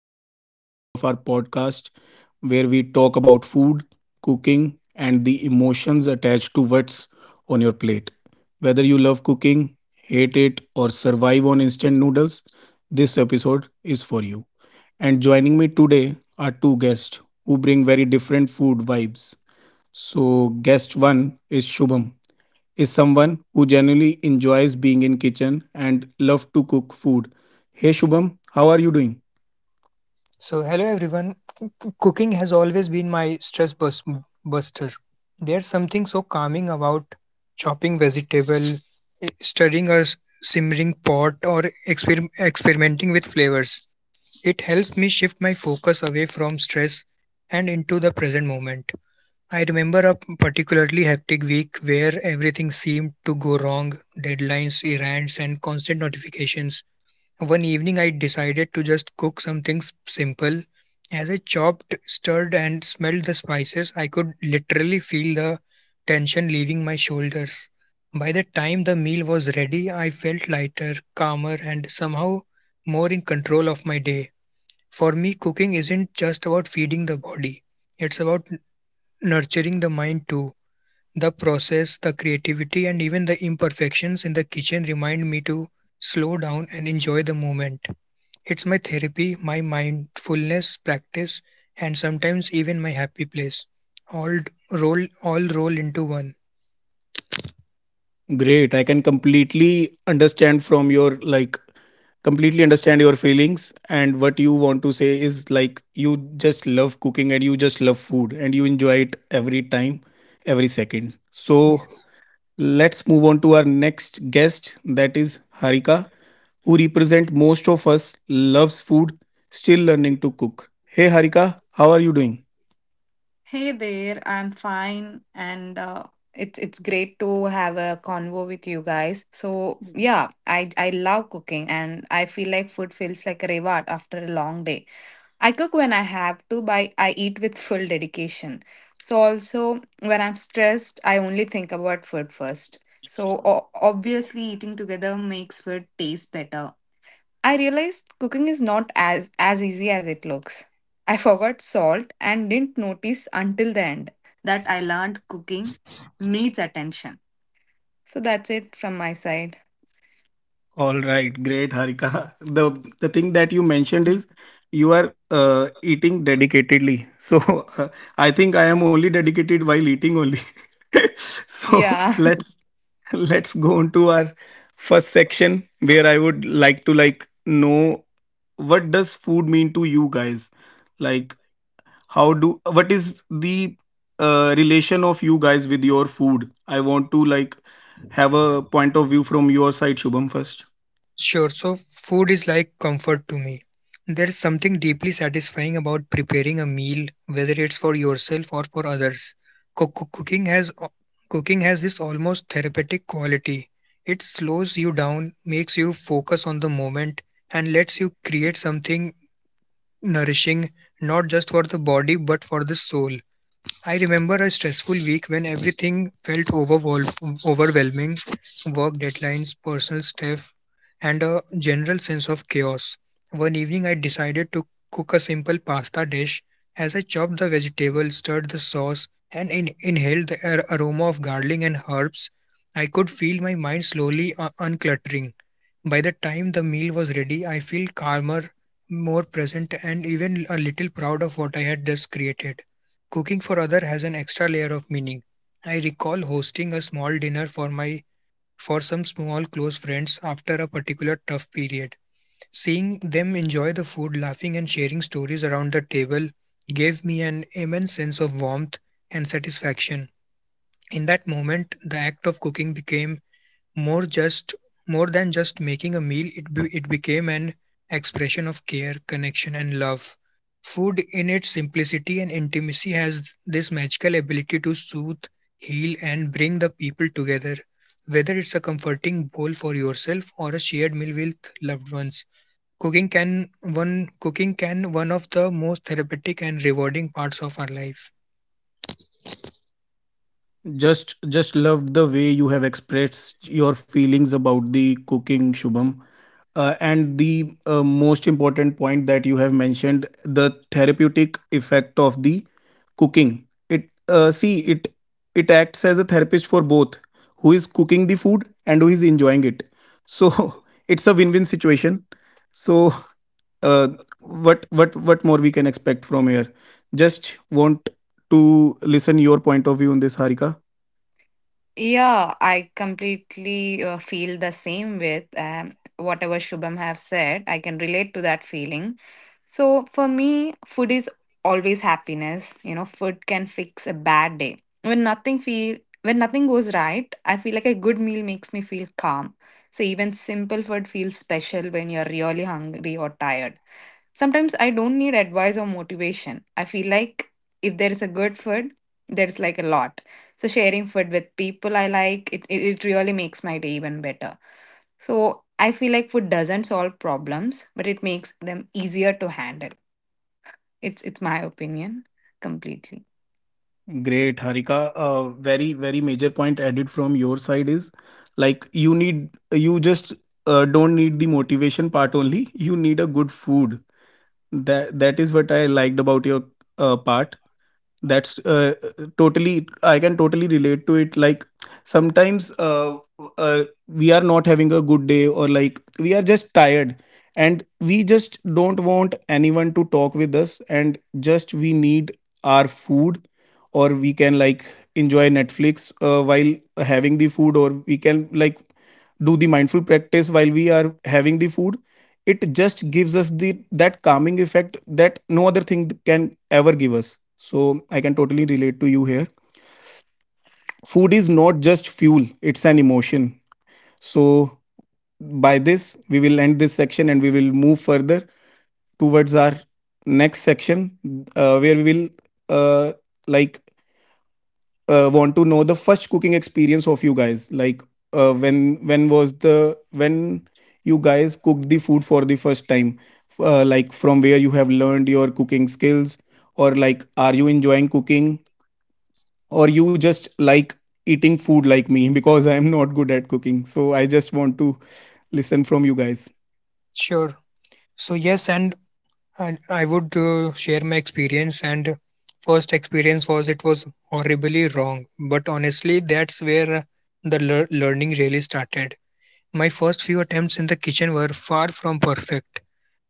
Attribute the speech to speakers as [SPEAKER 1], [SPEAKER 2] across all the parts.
[SPEAKER 1] to another episode of our podcast where we talk about food, cooking, and the emotions attached to what's on your plate. Whether you love cooking, hate it, or survive on instant noodles, this episode is for you. And joining me today are two guests who bring very different food vibes. So, guest one is Shubham, is someone who genuinely enjoys being in kitchen and love to cook food. Hey Shubham, how are you doing?
[SPEAKER 2] So, hello everyone. Cooking has always been my stress buster. There's something so calming about chopping vegetable, stirring a simmering pot, or experimenting with flavors. It helps me shift my focus away from stress and into the present moment. I remember a particularly hectic week where everything seemed to go wrong deadlines, errands, and constant notifications. One evening, I decided to just cook something simple. As I chopped, stirred, and smelled the spices, I could literally feel the tension leaving my shoulders. By the time the meal was ready, I felt lighter, calmer, and somehow more in control of my day. For me, cooking isn't just about feeding the body, it's about nurturing the mind too. The process, the creativity, and even the imperfections in the kitchen remind me to slow down and enjoy the moment. It's my therapy, my mindfulness practice, and sometimes even my happy place. All d- roll all roll into one.
[SPEAKER 1] Great. I can completely understand from your completely understand your feelings, and what you want to say is like you just love cooking and you just love food and you enjoy it every time, every second. So,
[SPEAKER 2] Yes,
[SPEAKER 1] let's move on to our next guest, that is Harika, who represent most of us, loves food, still learning to cook. Hey Harika, how are you doing?
[SPEAKER 3] Hey there, I'm fine and it's great to have a convo with you guys. So, yeah, I love cooking and I feel like food feels like a reward after a long day. I cook when I have to, but I eat with full dedication. So also when I'm stressed, I only think about food first. So obviously eating together makes food taste better. I realized cooking is not as easy as it looks. I forgot salt and didn't notice until the end that I learned cooking needs attention. So that's it from my side.
[SPEAKER 1] All right, great Harika. The thing that you mentioned is
[SPEAKER 3] Mhm.
[SPEAKER 1] you are eating dedicatedly. So uh, I think I am only dedicated while eating only. So
[SPEAKER 3] Yeah,
[SPEAKER 1] let's go on to our first section where I would like to like know, what does food mean to you guys? Like, how do, what is the relation of you guys with your food? I want to like have a point of view from your side, Shubham first.
[SPEAKER 2] sure. So food is like comfort to me. There's something deeply satisfying about preparing a meal, whether it's for yourself or for others. Cook- cook- cooking has cooking has this almost therapeutic quality. It slows you down, makes you focus on the moment, and lets you create something nourishing not just for the body but for the soul. I remember a stressful week when everything felt overwhelming work deadlines, personal stuff, and a general sense of chaos. One evening, I decided to cook a simple pasta dish. As I chopped the vegetable, stirred the sauce, and inhaled the aroma of garlic and herbs, I could feel my mind slowly uncluttering. By the time the meal was ready, I feel calmer, more present, and even a little proud of what I had just created. Cooking for others has an extra layer of meaning. I recall hosting a small dinner for some small close friends after a particular tough period. Seeing them enjoy the food, laughing and sharing stories around the table gave me an immense sense of warmth and satisfaction. In that moment, the act of cooking became more just more than just making a meal, it became an expression of care, connection and love. Food in its simplicity and intimacy has this magical ability to soothe, heal and bring the people together. Whether it's a comforting bowl for yourself or a shared meal with loved ones. Cooking can one of the most therapeutic and rewarding parts of our life.
[SPEAKER 1] Just loved the way you have expressed your feelings about the cooking, Shubham. And the most important point that you have mentioned, the therapeutic effect of the cooking, it see, it acts as a therapist for both who is cooking the food and who is enjoying it. So it's a win-win situation. So uh, what what more we can expect from here, just want to listen your point of view on this, Harika.
[SPEAKER 3] yeah, I completely feel the same with whatever Shubham have said. I can relate to that feeling. So for me, food is always happiness. You know, food can fix a bad day. When nothing goes right, I feel like a good meal makes me feel calm. So even simple food feels special when you're really hungry or tired. Sometimes I don't need advice or motivation. I feel like if there is a good food, there's like a lot. So sharing food with people I like, it really makes my day even better. So I feel like food doesn't solve problems, but it makes them easier to handle. It's my opinion completely.
[SPEAKER 1] Great, Harika. A very, very major point added from your side is like you need, you just don't need the motivation part only. You need a good food. That that is what I liked about your part. That's totally, I can totally relate to it. Like sometimes we are not having a good day or like we are just tired, and we just don't want anyone to talk with us, and just we need our food, or we can like enjoy Netflix while having the food, or we can like do the mindful practice while we are having the food. It just gives us the that calming effect that no other thing can ever give us. So I can totally relate to you here. Food is not just fuel, it's an emotion. So by this we will end this section and we will move further towards our next section where we will uh, like want to know the first cooking experience of you guys. Like when was the when you guys cooked the food for the first time? Like from where you have learned your cooking skills, or like are you enjoying cooking, or you just like eating food like me? Because I am not good at cooking. So I just want to listen from you guys.
[SPEAKER 2] Sure. So yes, and I would share my experience. And first experience was it was horribly wrong. But honestly, that's where the learning really started. My first few attempts in the kitchen were far from perfect.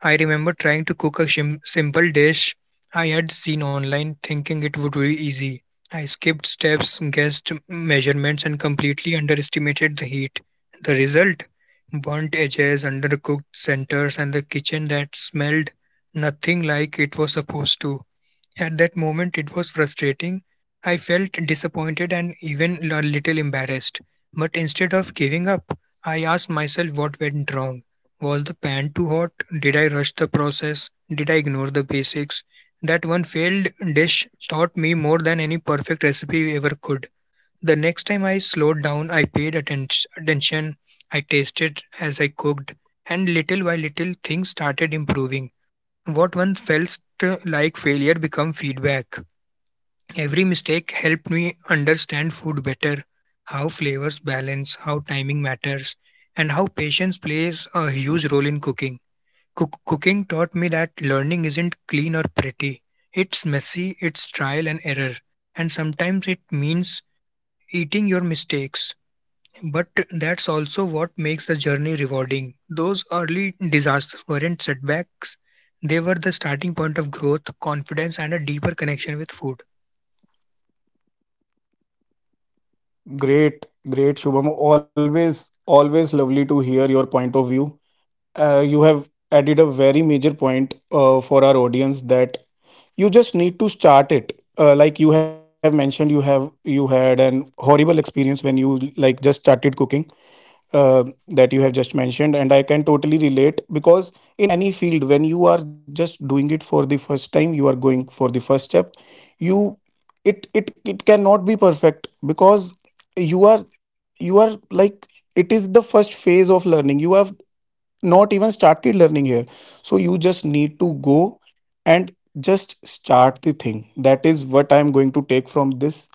[SPEAKER 2] I remember trying to cook a simple dish I had seen online, thinking it would be easy. I skipped steps, guessed measurements, and completely underestimated the heat. The result? Burnt edges, undercooked centers, and the kitchen that smelled nothing like it was supposed to. At that moment, it was frustrating. I felt disappointed and even a little embarrassed. But instead of giving up, I asked myself what went wrong. Was the pan too hot? Did I rush the process? Did I ignore the basics? That one failed dish taught me more than any perfect recipe ever could. The next time I slowed down, I paid attention, I tasted as I cooked, and little by little things started improving. What once felt like failure become feedback. Every mistake helped me understand food better, how flavors balance, how timing matters, and how patience plays a huge role in cooking. Cooking taught me that learning isn't clean or pretty. It's messy, it's trial and error, and sometimes it means eating your mistakes. But that's also what makes the journey rewarding. Those early disasters weren't setbacks, they were the starting point of growth, confidence, and a deeper connection with food.
[SPEAKER 1] Great, great, Shubham. Always, always lovely to hear your point of view. You have added a very major point for our audience that you just need to start it. Like you have mentioned, you have you had an horrible experience when you like just started cooking, uh, that you have just mentioned. And I can totally relate because in any field when you are just doing it for the first time, you are going for the first step. You, it cannot be perfect because you are like, it is the first phase of learning, you have not even started learning here. So you just need to go and just start the thing. That is what I am going to take from this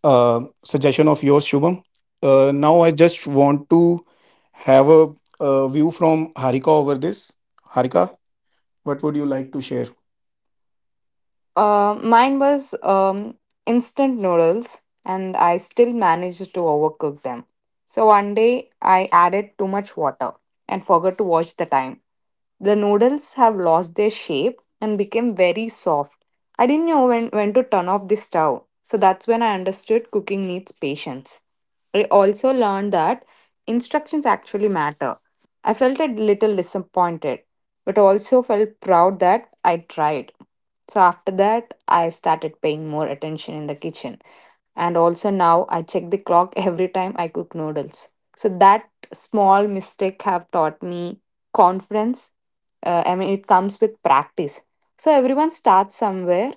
[SPEAKER 1] suggestion of yours, Shubham. Now I just want to have a, view from Harika over this. Harika, what would you like to share?
[SPEAKER 3] Mine was instant noodles, and I still managed to overcook them. So one day I added too much water and forgot to watch the time. The noodles have lost their shape and became very soft. I didn't know when to turn off the stove. So that's when I understood cooking needs patience. I also learned that instructions actually matter. I felt a little disappointed, but also felt proud that I tried. So after that, I started paying more attention in the kitchen. And also now I check the clock every time I cook noodles. So that small mistake have taught me confidence. I mean, it comes with practice. So everyone starts somewhere,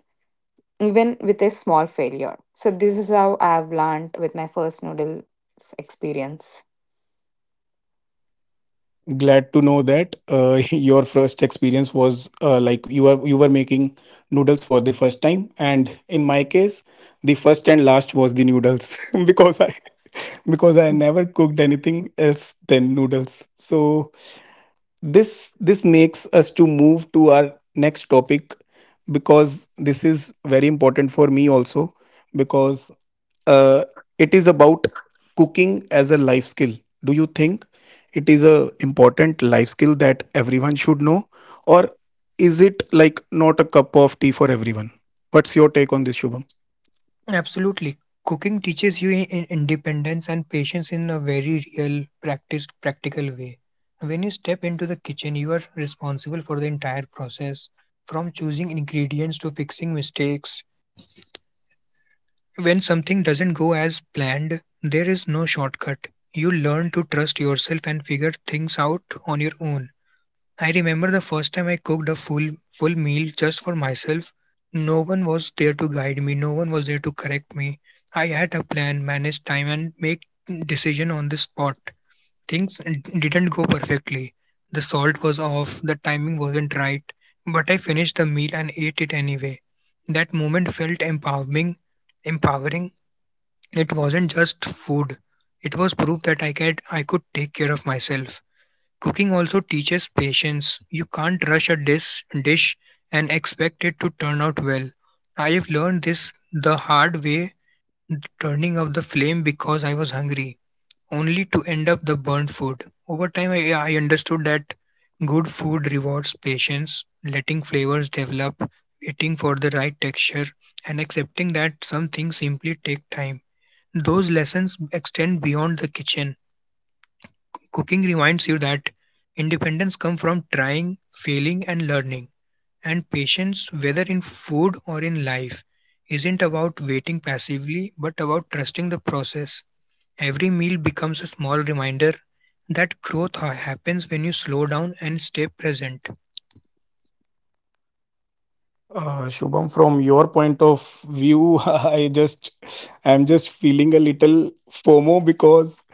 [SPEAKER 3] even with a small failure. So this is how I've learned with my first noodles experience.
[SPEAKER 1] Glad to know that your first experience was like you were, you were making noodles for the first time, and in my case, the first and last was the noodles. Because I because I
[SPEAKER 3] Mm.
[SPEAKER 1] never cooked anything else than noodles. So this makes us to move to our next topic, because this is very important for me also, because uh, it is about cooking as a life skill. Do you think it is a important life skill that everyone should know, or is it like not a cup of tea for everyone? What's your take on this, Shubham?
[SPEAKER 2] Absolutely. Cooking teaches you independence and patience in a very real, practiced, practical way. When you step into the kitchen, you are responsible for the entire process from choosing ingredients to fixing mistakes. When something doesn't go as planned, there is no shortcut. You learn to trust yourself and figure things out on your own. I remember the first time I cooked a full meal just for myself. No one was there to guide me, no one was there to correct me. I had a plan, manage time and make decision on the spot. Things didn't go perfectly. The salt was off, the timing wasn't right, but I finished the meal and ate it anyway. That moment felt empowering, it wasn't just food, it was proof that I could take care of myself. Cooking also teaches patience. You can't rush a dish and expect it to turn out well. I have learned this the hard way, turning off the flame because I was hungry, only to end up the burnt food. Over time, I understood that good food rewards patience, letting flavors develop, waiting for the right texture, and accepting that some things simply take time. Those lessons extend beyond the kitchen. Cooking reminds you that independence comes from trying, failing, and learning. And patience, whether in food or in life, isn't about waiting passively but about trusting the process. Every meal becomes a small reminder that growth happens when you slow down and stay present.
[SPEAKER 1] Shubham, from your point of view, I just, I'm just feeling a little FOMO because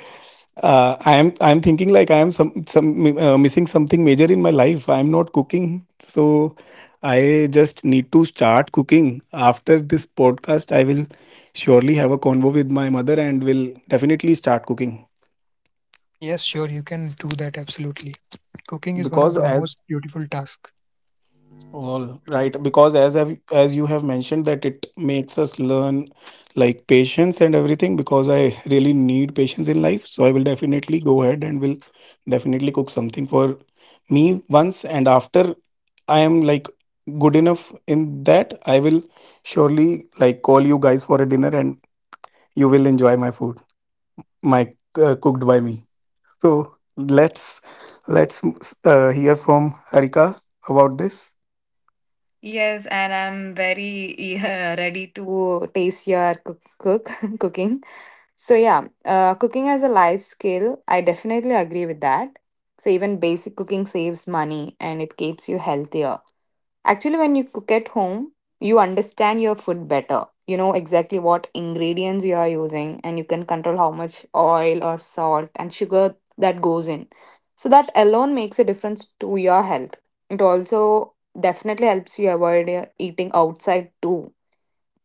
[SPEAKER 1] I am, I'm thinking like I am some missing something major in my life. I'm not cooking, so I just need to start cooking. After this podcast, I will surely have a convo with my mother and will definitely start cooking
[SPEAKER 2] Yes, sure, you can do that absolutely. Cooking is one of
[SPEAKER 1] because
[SPEAKER 2] the most
[SPEAKER 1] as,
[SPEAKER 2] beautiful tasks.
[SPEAKER 1] all right, because as I've, as you have mentioned that it makes us learn like patience and everything, because I really need patience in life. So I will definitely go ahead and will definitely cook something for me once, and after I am like good enough in that, I will surely like call you guys for a dinner and you will enjoy my food, my cooked by me. So let's hear from Harika about this.
[SPEAKER 3] Yes, and I'm very ready to taste your cook cooking. So yeah, cooking as a life skill, I definitely agree with that. So even basic cooking saves money and it keeps you healthier. Actually, when you cook at home, you understand your food better. You know exactly what ingredients you are using, and you can control how much oil or salt and sugar that goes in. So, that alone makes a difference to your health. It also definitely helps you avoid eating outside too.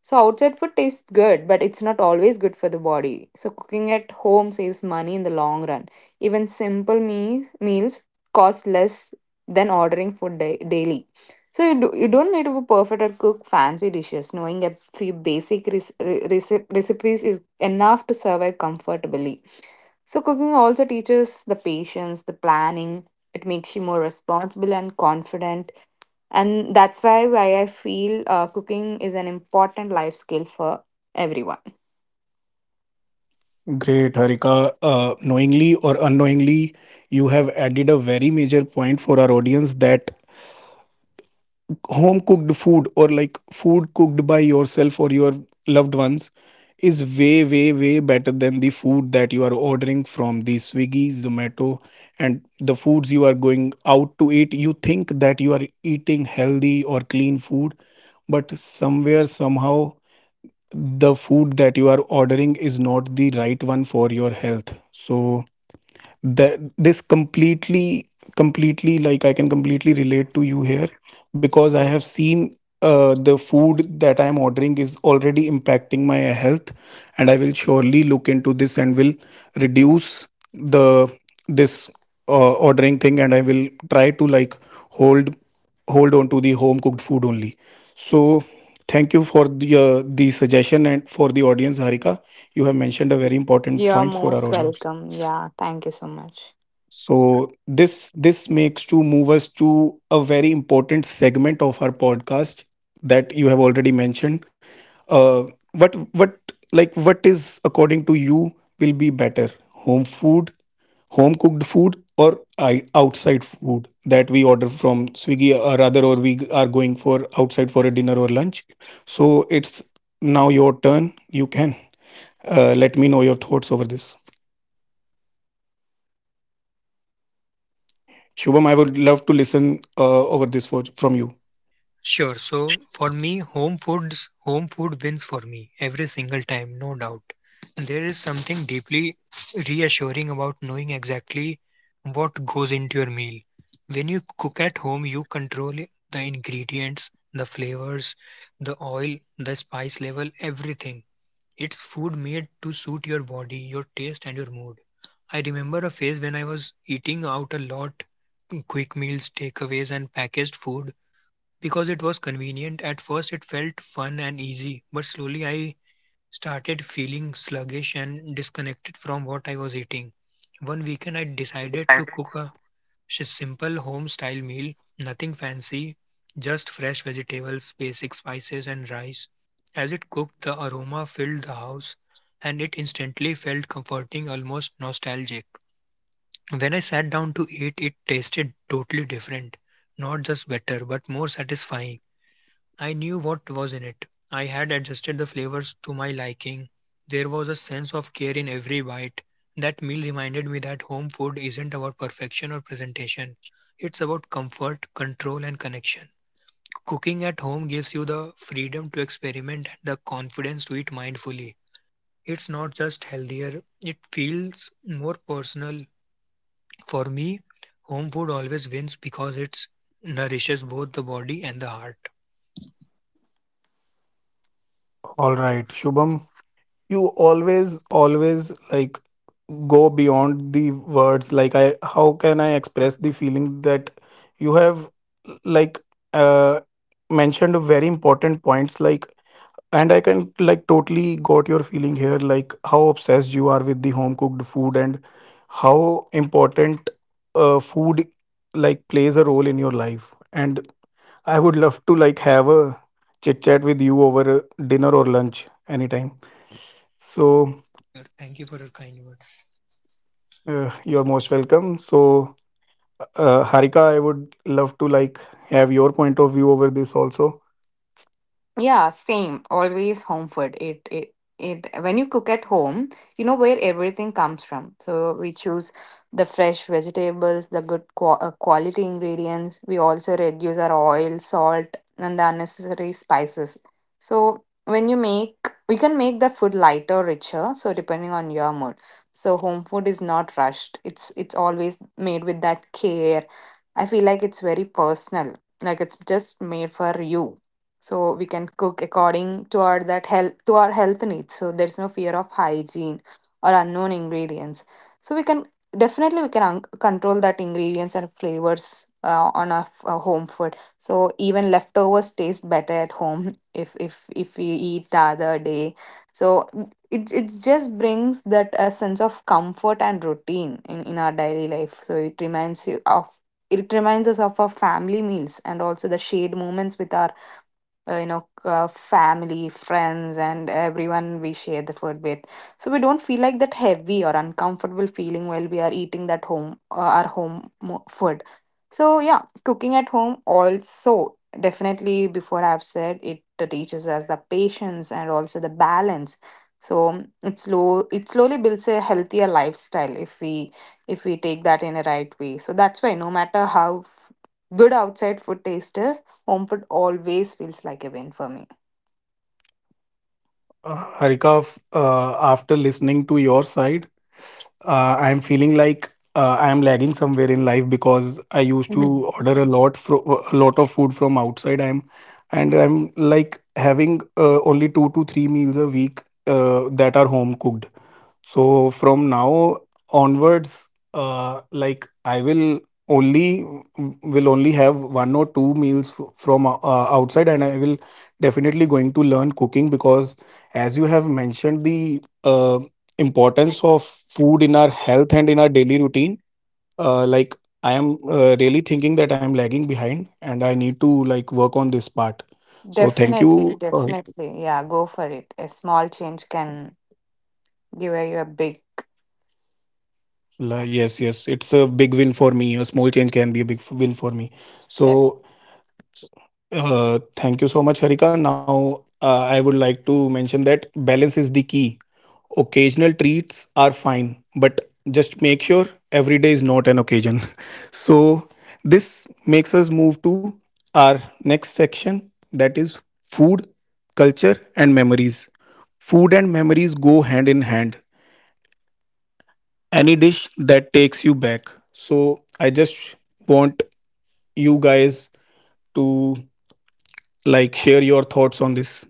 [SPEAKER 3] So outside food tastes good, but it's not always good for the body. So cooking at home saves money in the long run. Even simple meals cost less than ordering food daily. So you don't need to be perfect or cook fancy dishes. Knowing a few basic recipes is enough to survive comfortably. So cooking also teaches the patience, the planning. It makes you more responsible and confident, and that's why I feel cooking is an important life skill for everyone.
[SPEAKER 1] Great, Harika. Knowingly or unknowingly, you have added a very major point for our audience, that home cooked food or like food cooked by yourself or your loved ones is way, way, way better than the food that you are ordering from the Swiggy, Zomato, and the foods you are going out to eat. You think that you are eating healthy or clean food, but somewhere, somehow, the food that you are ordering is not the right one for your health. So, that this completely, I can completely relate to you here, because I
[SPEAKER 3] Yeah,
[SPEAKER 1] have seen the food that I am ordering is already impacting my health, and I will surely look into this and will reduce the this ordering thing, and I will try to like hold hold on to the home cooked food only. So thank you for the suggestion, and for the audience, Harika, you have mentioned a very important
[SPEAKER 3] you're
[SPEAKER 1] point for
[SPEAKER 3] most
[SPEAKER 1] our audience.
[SPEAKER 3] welcome. Yeah, thank you so much.
[SPEAKER 1] So this makes to move us to a very important segment of our podcast that you have already mentioned. Uh, what like what is according to you will be better, home food, home cooked food, or I, outside food that we order from Swiggy, or rather, or we are going for outside for a dinner or lunch. So it's now your turn. You can let me know your thoughts over this. Shubham, I would love to listen over this for, from you.
[SPEAKER 2] Sure. So for me, home food wins for me every single time, no doubt. There is something deeply reassuring about knowing exactly what goes into your meal. When you cook at home, you control the ingredients, the flavors, the oil, the spice level, everything. It's food made to suit your body, your taste, and your mood. I remember a phase when I was eating out a lot, quick meals, takeaways, and packaged food because it was convenient. At first, it felt fun and easy, but slowly I started feeling sluggish and disconnected from what I was eating. One weekend, I decided to cook a simple home style meal, nothing fancy, just fresh vegetables, basic spices, and rice. As it cooked, the aroma filled the house, and it instantly felt comforting, almost nostalgic. When I sat down to eat, it tasted totally different, not just better, but more satisfying. I knew what was in it. I had adjusted the flavors to my liking. There was a sense of care in every bite. That meal reminded me that home food isn't about perfection or presentation, it's about comfort, control, and connection. Cooking at home gives you the freedom to experiment and the confidence to eat mindfully. It's not just healthier, it feels more personal. For me, home food always wins because it nourishes both the body and the heart.
[SPEAKER 1] All right, Shubham, you always, always like go beyond the words. Like, I, how can I express the feeling that you have, like, uh, mentioned very important points. Like, and I can like totally got your feeling here. Like, how obsessed you are with the home cooked food, and how important, food like plays a role in your life. And I would love to like have a chit chat with you over dinner or lunch anytime. So
[SPEAKER 2] Thank you for your kind words.
[SPEAKER 1] you're most welcome. So Harika, I would love to like have your point of view over this also.
[SPEAKER 3] Yeah, same. Always home food. It when you cook at home, you know where everything comes from. So we choose the fresh vegetables, the good quality ingredients. We also reduce our oil, salt, and the unnecessary spices. So we can make the food lighter, richer, so depending on your mood. So home food is not rushed. It's always made with that care. I feel like it's very personal. Like it's just made for you, so we can cook according to our health needs. So there's no fear of hygiene or unknown ingredients. So we can definitely, control that ingredients and flavors on our home food. So even leftovers taste better at home if we eat the other day. So it just brings that a sense of comfort and routine in our daily life. So it reminds you of, it reminds us of our family meals and also the shared moments with our you know, family, friends, and everyone we share the food with. So we don't feel like that heavy or uncomfortable feeling while we are eating that home our home food. So yeah, cooking at home also definitely, before I've said it, teaches us the patience and also the balance. So it slowly builds a healthier lifestyle if we take that in a right way. So that's why no matter how good outside food taste is, home, Homeput always feels like a win for me.
[SPEAKER 1] Harika, after listening to your side, I'm feeling like I'm lagging somewhere in life because I used to
[SPEAKER 3] Mhm.
[SPEAKER 1] order a lot a lot of food from outside. I'm, and I'm like having only 2 to 3 meals a week that are home cooked. So from now onwards, like I will only, will only have 1 or 2 meals from outside, and I will definitely going to learn cooking because, as you have mentioned, the importance of food in our health and in our daily routine. Like I am really thinking that I am lagging behind, and I need to like work on this part. So thank
[SPEAKER 3] Definitely,
[SPEAKER 1] you.
[SPEAKER 3] definitely. Yeah, go for it. A small change can give you a big.
[SPEAKER 1] Yes, yes, it's a big win for me. A small change can be a big win for me. So, thank you so much, Harika. Now, I would like to mention that balance is the key. Occasional treats are fine, but just make sure every day is not an occasion. So, this makes us move to our next section, that is food, culture, and memories. Food and memories go hand in hand, any dish that takes you back. So I just want you guys to like share your thoughts on this.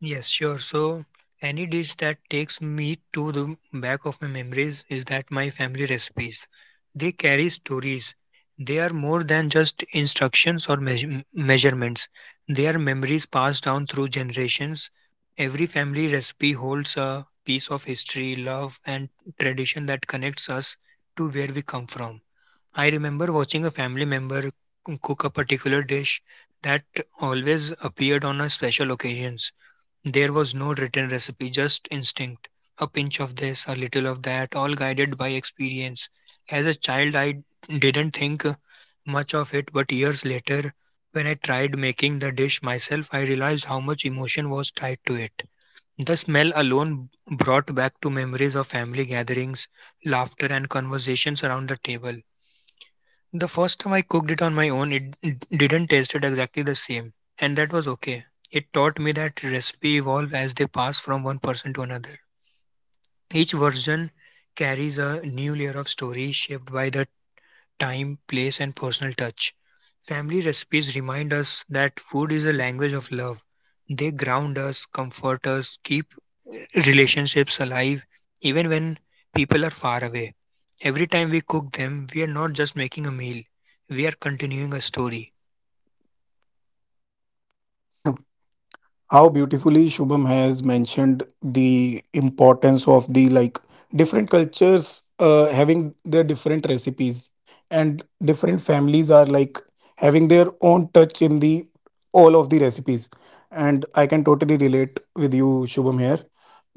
[SPEAKER 2] Yes, sure. So, any dish that takes me to the back of my memories is that my family recipes. They carry stories. They are more than just instructions or measurements. They are memories passed down through generations. Every family recipe holds a piece of history, love, and tradition that connects us to where we come from. I remember watching a family member cook a particular dish that always appeared on a special occasions, there was no written recipe, just instinct. A pinch of this, a little of that, all guided by experience. As a child, I didn't think much of it, but years later, when I tried making the dish myself, I realized how much emotion was tied to it. The smell alone brought back to memories of family gatherings, laughter, and conversations around the table. The first time I cooked it on my own, it didn't taste it exactly the same, and that was okay. It taught me that recipe evolve as they pass from one person to another. Each version carries a new layer of story shaped by the time, place, and personal touch. Family recipes remind us that food is a language of love. They ground us, comfort us, keep relationships alive, even when people are far away. Every time we cook them, we are not just making a meal, we are continuing a story.
[SPEAKER 1] How beautifully Shubham has mentioned the importance of the, like, different cultures having their different recipes, and different families are, like, having their own touch in the all of the recipes. And I can totally relate with you, Shubham, here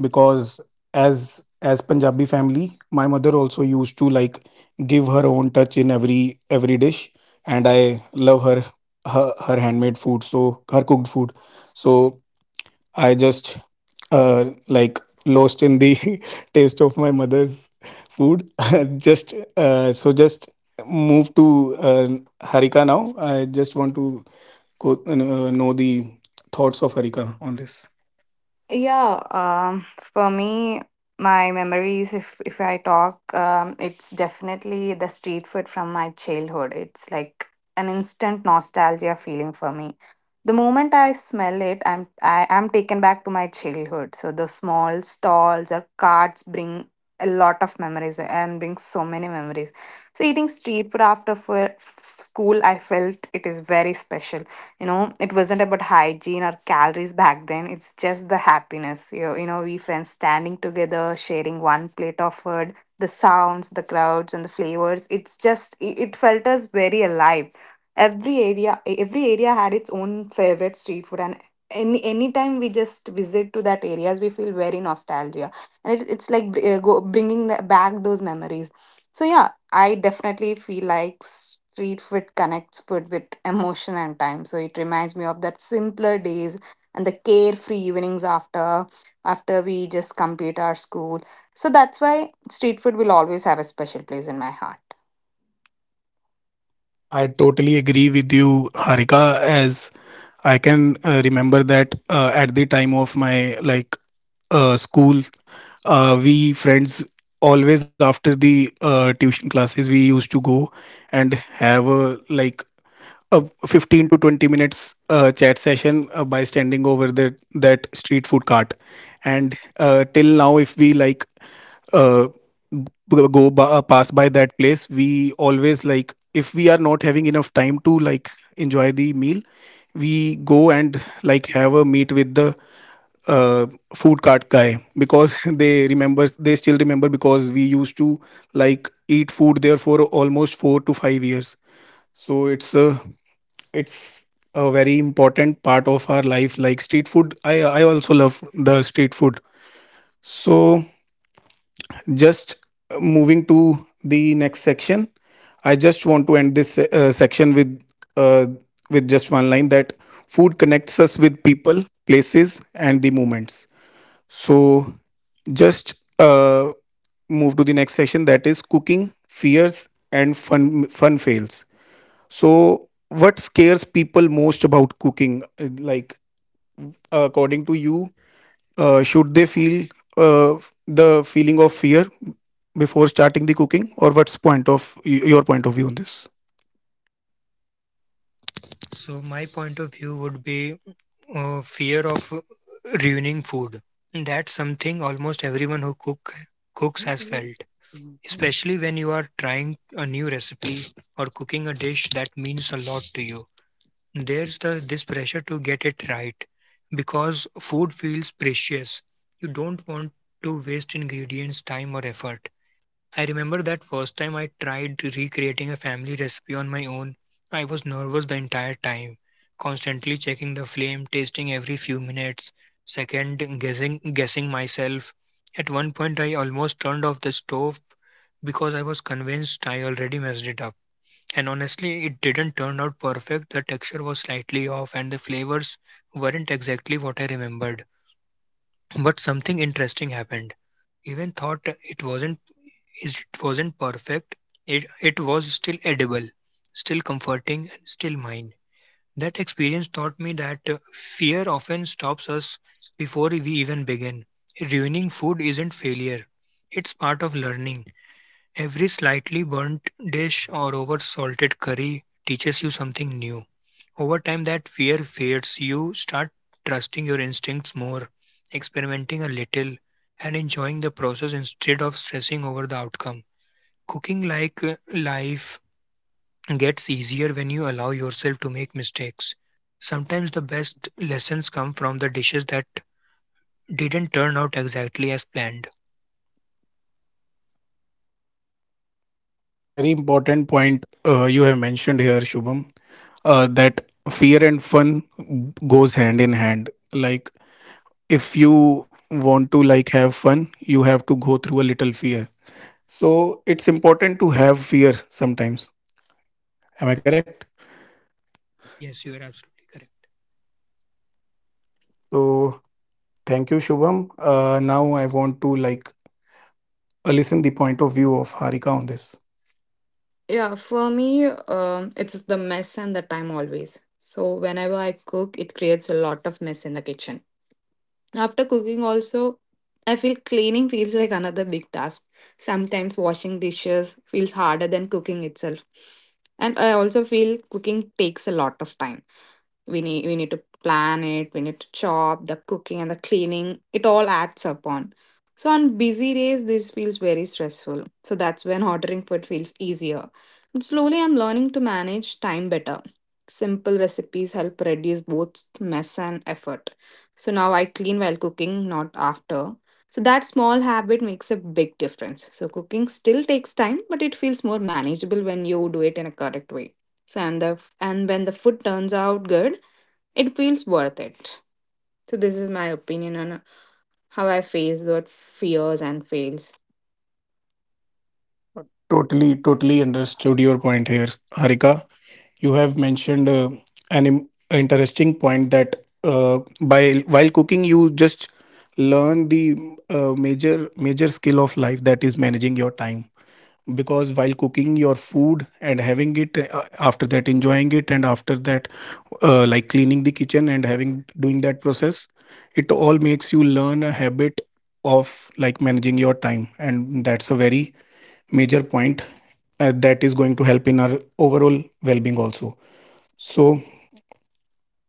[SPEAKER 1] because as Punjabi family, my mother also used to, like, give her own touch in every dish. And I love her handmade food, so her cooked food. So I just like lost in the taste of my mother's food. Just so just move to Harika now. I just want to know the thoughts of Harika on this.
[SPEAKER 3] Yeah, for me, my memories, if I talk, it's definitely the street food from my childhood. It's like an instant nostalgia feeling for me. The moment I smell it, I am taken back to my childhood. So the small stalls or carts bring a lot of memories and bring so many memories. So eating street food after school, I felt it is very special. You know, it wasn't about hygiene or calories back then. It's just the happiness. You know, we friends standing together sharing one plate of food, the sounds, the crowds, and the flavors, it's just it, it felt us very alive. Every area had its own favorite street food, and anytime we just visit to that areas, we feel very nostalgia, and it, it's like bringing back those memories. So yeah, I definitely feel like street food connects food with emotion and time. So it reminds me of that simpler days and the carefree evenings after, after we just complete our school. So that's why street food will always have a special place in my heart.
[SPEAKER 1] I totally agree with you, Harika. As I can remember that at the time of my, like, school, we friends, always after the tuition classes, we used to go and have a, like, a 15 to 20 minutes chat session by standing over that street food cart. And till now, if we, like, uh, g- pass by that place, we always, like, if we are not having enough time to, like, enjoy the meal, we go and, like, have a meet with the uh, food cart guy, because they still remember, because we used to, like, eat food there for almost 4 to 5 years. So it's a it's very important part of our life. Like street food, I also love the street food. So just moving to the next section, I just want to end this section with uh, just one line that food connects us with people, places, and the moments. So just move to the next section, that is cooking fears and fun fails. So what scares people most about cooking? Like, according to you, should they feel uh, the feeling of fear before starting the cooking, or what's your point of view on this?
[SPEAKER 2] So, my point of view would be fear of ruining food. That's something almost everyone cooks has felt, especially when you are trying a new recipe or cooking a dish that means a lot to you. There's the this pressure to get it right because food feels precious. You don't want to waste ingredients time or effort. I remember that first time I tried recreating a family recipe on my own. I was nervous the entire time, constantly checking the flame, tasting every few minutes, second guessing myself. At one point I almost turned off the stove because I was convinced I already messed it up. And honestly, it didn't turn out perfect. The texture was slightly off, and the flavors weren't exactly what I remembered. But something interesting happened. Even thought it wasn't perfect. It was still edible, still comforting, and still mine. That experience taught me that fear often stops us before we even begin. Ruining food isn't failure; it's part of learning. Every slightly burnt dish or over salted curry teaches you something new. Over time, that fear fades. You start trusting your instincts more, experimenting a little, and enjoying the process instead of stressing over the outcome. Cooking like life gets easier when you allow yourself to make mistakes. Sometimes the best lessons come from the dishes that didn't turn out exactly as planned.
[SPEAKER 1] A very important point you have mentioned here, Shubham, that fear and fun goes hand in hand. Like, if you want to, like, have fun, you have to go through a little fear. So it's important to have fear sometimes. Am I correct?
[SPEAKER 2] Yes, you are absolutely correct.
[SPEAKER 1] So thank you, Shubham. Now I want to, like, listen the point of view of Harika on this.
[SPEAKER 3] Yeah, for me, it's the mess and the time always. So whenever I cook, it creates a lot of mess in the kitchen. After cooking, also, I feel cleaning feels like another big task. Sometimes washing dishes feels harder than cooking itself. And I also feel cooking takes a lot of time. We need to plan it, we need to chop the cooking and the cleaning, it all adds up on. So on busy days, this feels very stressful. So that's when ordering food feels easier, and slowly I'm learning to manage time better. Simple recipes help reduce both mess and effort. So now I clean while cooking, not after. So that small habit makes a big difference. So cooking still takes time, but it feels more manageable when you do it in a correct way. So, and the, and when the food turns out good, it feels worth it. So, this is my opinion on how I face that fears and fails.
[SPEAKER 1] Totally, totally understood your point here, Harika. You have mentioned an interesting point, that by while cooking, you just learn the major skill of life, that is managing your time. Because while cooking your food and having it after that, enjoying it, and after that like cleaning the kitchen and having doing that process, it all makes you learn a habit of, like, managing your time. And that's a very major point that is going to help in our overall well-being also. So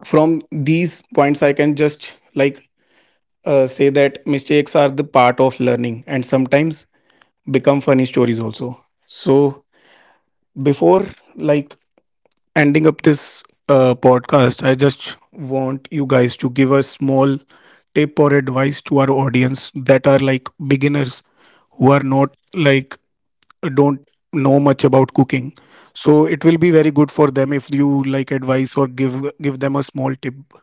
[SPEAKER 1] from these points, I can just, like, say that mistakes are the part of learning, and sometimes become funny stories also. So before, like, ending up this podcast, I just want you guys to give a small tip or advice to our audience that are, like, beginners, who are not, like, don't know much about cooking. So it will be very good for them if you, like, advice or give them a small tip.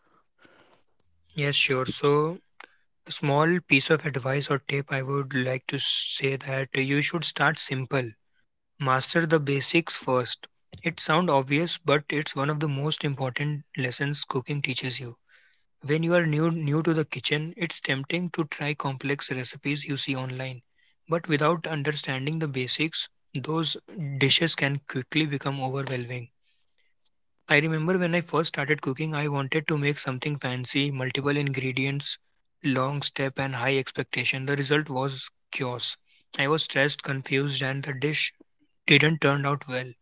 [SPEAKER 2] Yes, sure. So, small piece of advice or tip I would like to say that you should start simple. Master the basics first. It sounds obvious, but it's one of the most important lessons cooking teaches you. When you are new to the kitchen, it's tempting to try complex recipes you see online. But without understanding the basics, those dishes can quickly become overwhelming. I remember when I first started cooking, I wanted to make something fancy, multiple ingredients, long step, and high expectation. The result was chaos. I was stressed, confused, and the dish didn't turn out well.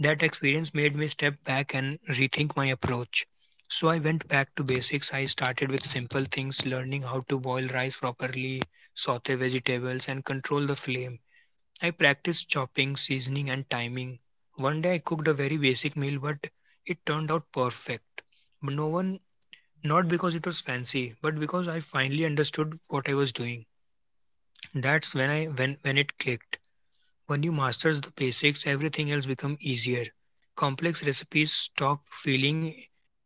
[SPEAKER 2] That experience made me step back and rethink my approach. So I went back to basics. I started with simple things, learning how to boil rice properly, saute vegetables, and control the flame. I practiced chopping, seasoning, and timing. One day I cooked a very basic meal, but it turned out perfect. But no one, not because it was fancy, but because I finally understood what I was doing. That's when I when it clicked. When you masters the basics, everything else become easier. Complex recipes stop feeling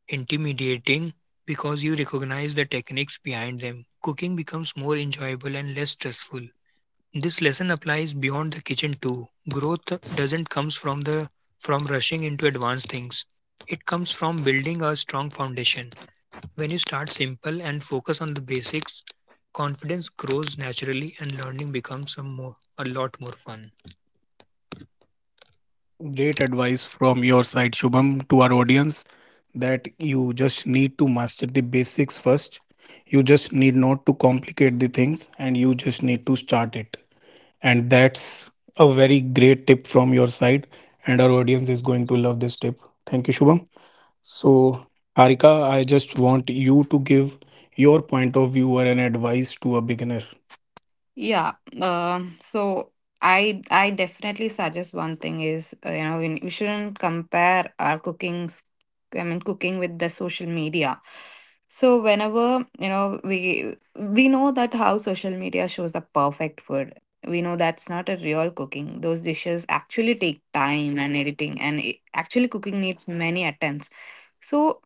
[SPEAKER 2] intimidating because you recognize the techniques behind them. Cooking becomes more enjoyable and less stressful. This lesson applies beyond the kitchen too. Growth doesn't comes from rushing into advanced things. It comes from building a strong foundation. When you start simple and focus on the basics, confidence grows naturally and learning becomes a lot more fun.
[SPEAKER 1] Great advice from your side, Shubham, to our audience, that you just need to master the basics first. You just need not to complicate the things, and you just need to start it. And that's a very great tip from your side. And our audience is going to love this tip. Thank you, Shubham. So, Harika, I just want you to give your point of view or an advice to a beginner.
[SPEAKER 3] Yeah. Um, so, I definitely suggest one thing is you know, we shouldn't compare our cooking. I mean, cooking with the social media. So whenever you know, we know that how social media shows the perfect food. We know that's not a real cooking. Those dishes actually take time and editing, and it, actually cooking needs many attempts. So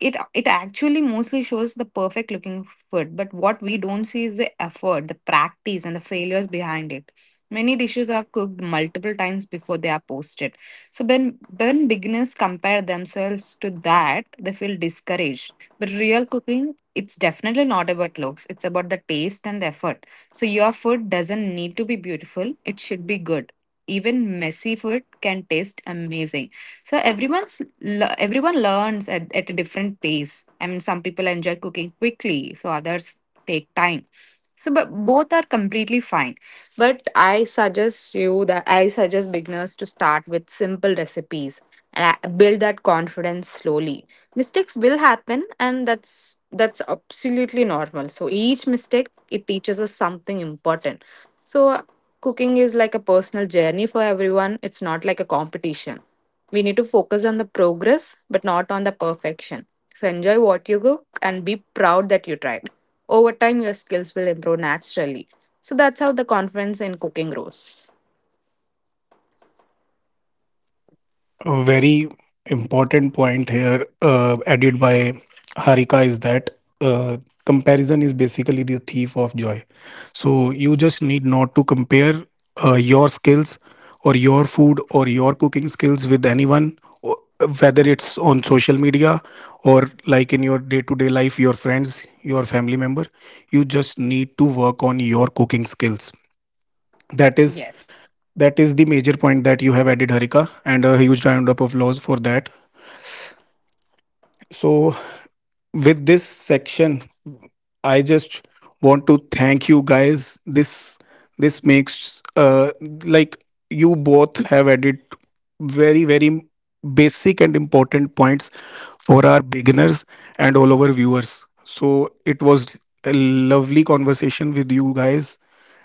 [SPEAKER 3] it actually mostly shows the perfect looking food, but what we don't see is the effort, the practice, and the failures behind it. Many dishes are cooked multiple times before they are posted. So when beginners compare themselves to that, they feel discouraged. But real cooking, it's definitely not about looks. It's about the taste and the effort. So your food doesn't need to be beautiful. It should be good. Even messy food can taste amazing. So everyone learns at a different pace. I mean, some people enjoy cooking quickly, so others take time. So, but both are completely fine. But I suggest beginners to start with simple recipes and build that confidence slowly. Mistakes will happen, and that's absolutely normal. So each mistake it teaches us something important. So, cooking is like a personal journey for everyone. It's not like a competition. We need to focus on the progress, but not on the perfection. So, enjoy what you cook and be proud that you tried. Over time, your skills will improve naturally. So, that's how the confidence in cooking grows.
[SPEAKER 1] A very important point here added by Harika is that uh, comparison is basically the thief of joy. So you just need not to compare your skills or your food or your cooking skills with anyone, whether it's on social media or, like, in your day to day life, your friends, your family member. You just need to work on your cooking skills, that is
[SPEAKER 3] Yes.
[SPEAKER 1] the major point that you have added, Harika. And a huge round of applause for that. So, with this section, I just want to thank you guys. This makes like, you both have added very very basic and important points for our beginners and all our viewers. So it was a lovely conversation with you guys.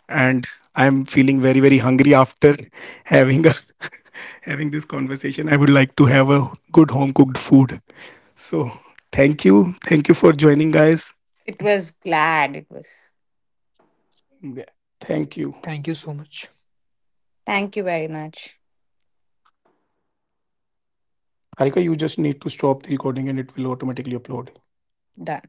[SPEAKER 1] And I'm feeling very very hungry after having a having this conversation. I would like to have a good home cooked food. So thank you for joining, guys.
[SPEAKER 3] It was glad it was.
[SPEAKER 1] Yeah, thank you,
[SPEAKER 2] Thank you so much.
[SPEAKER 3] Thank you very much.
[SPEAKER 1] Harika. You just need to stop the recording, and it will automatically upload.
[SPEAKER 3] Done.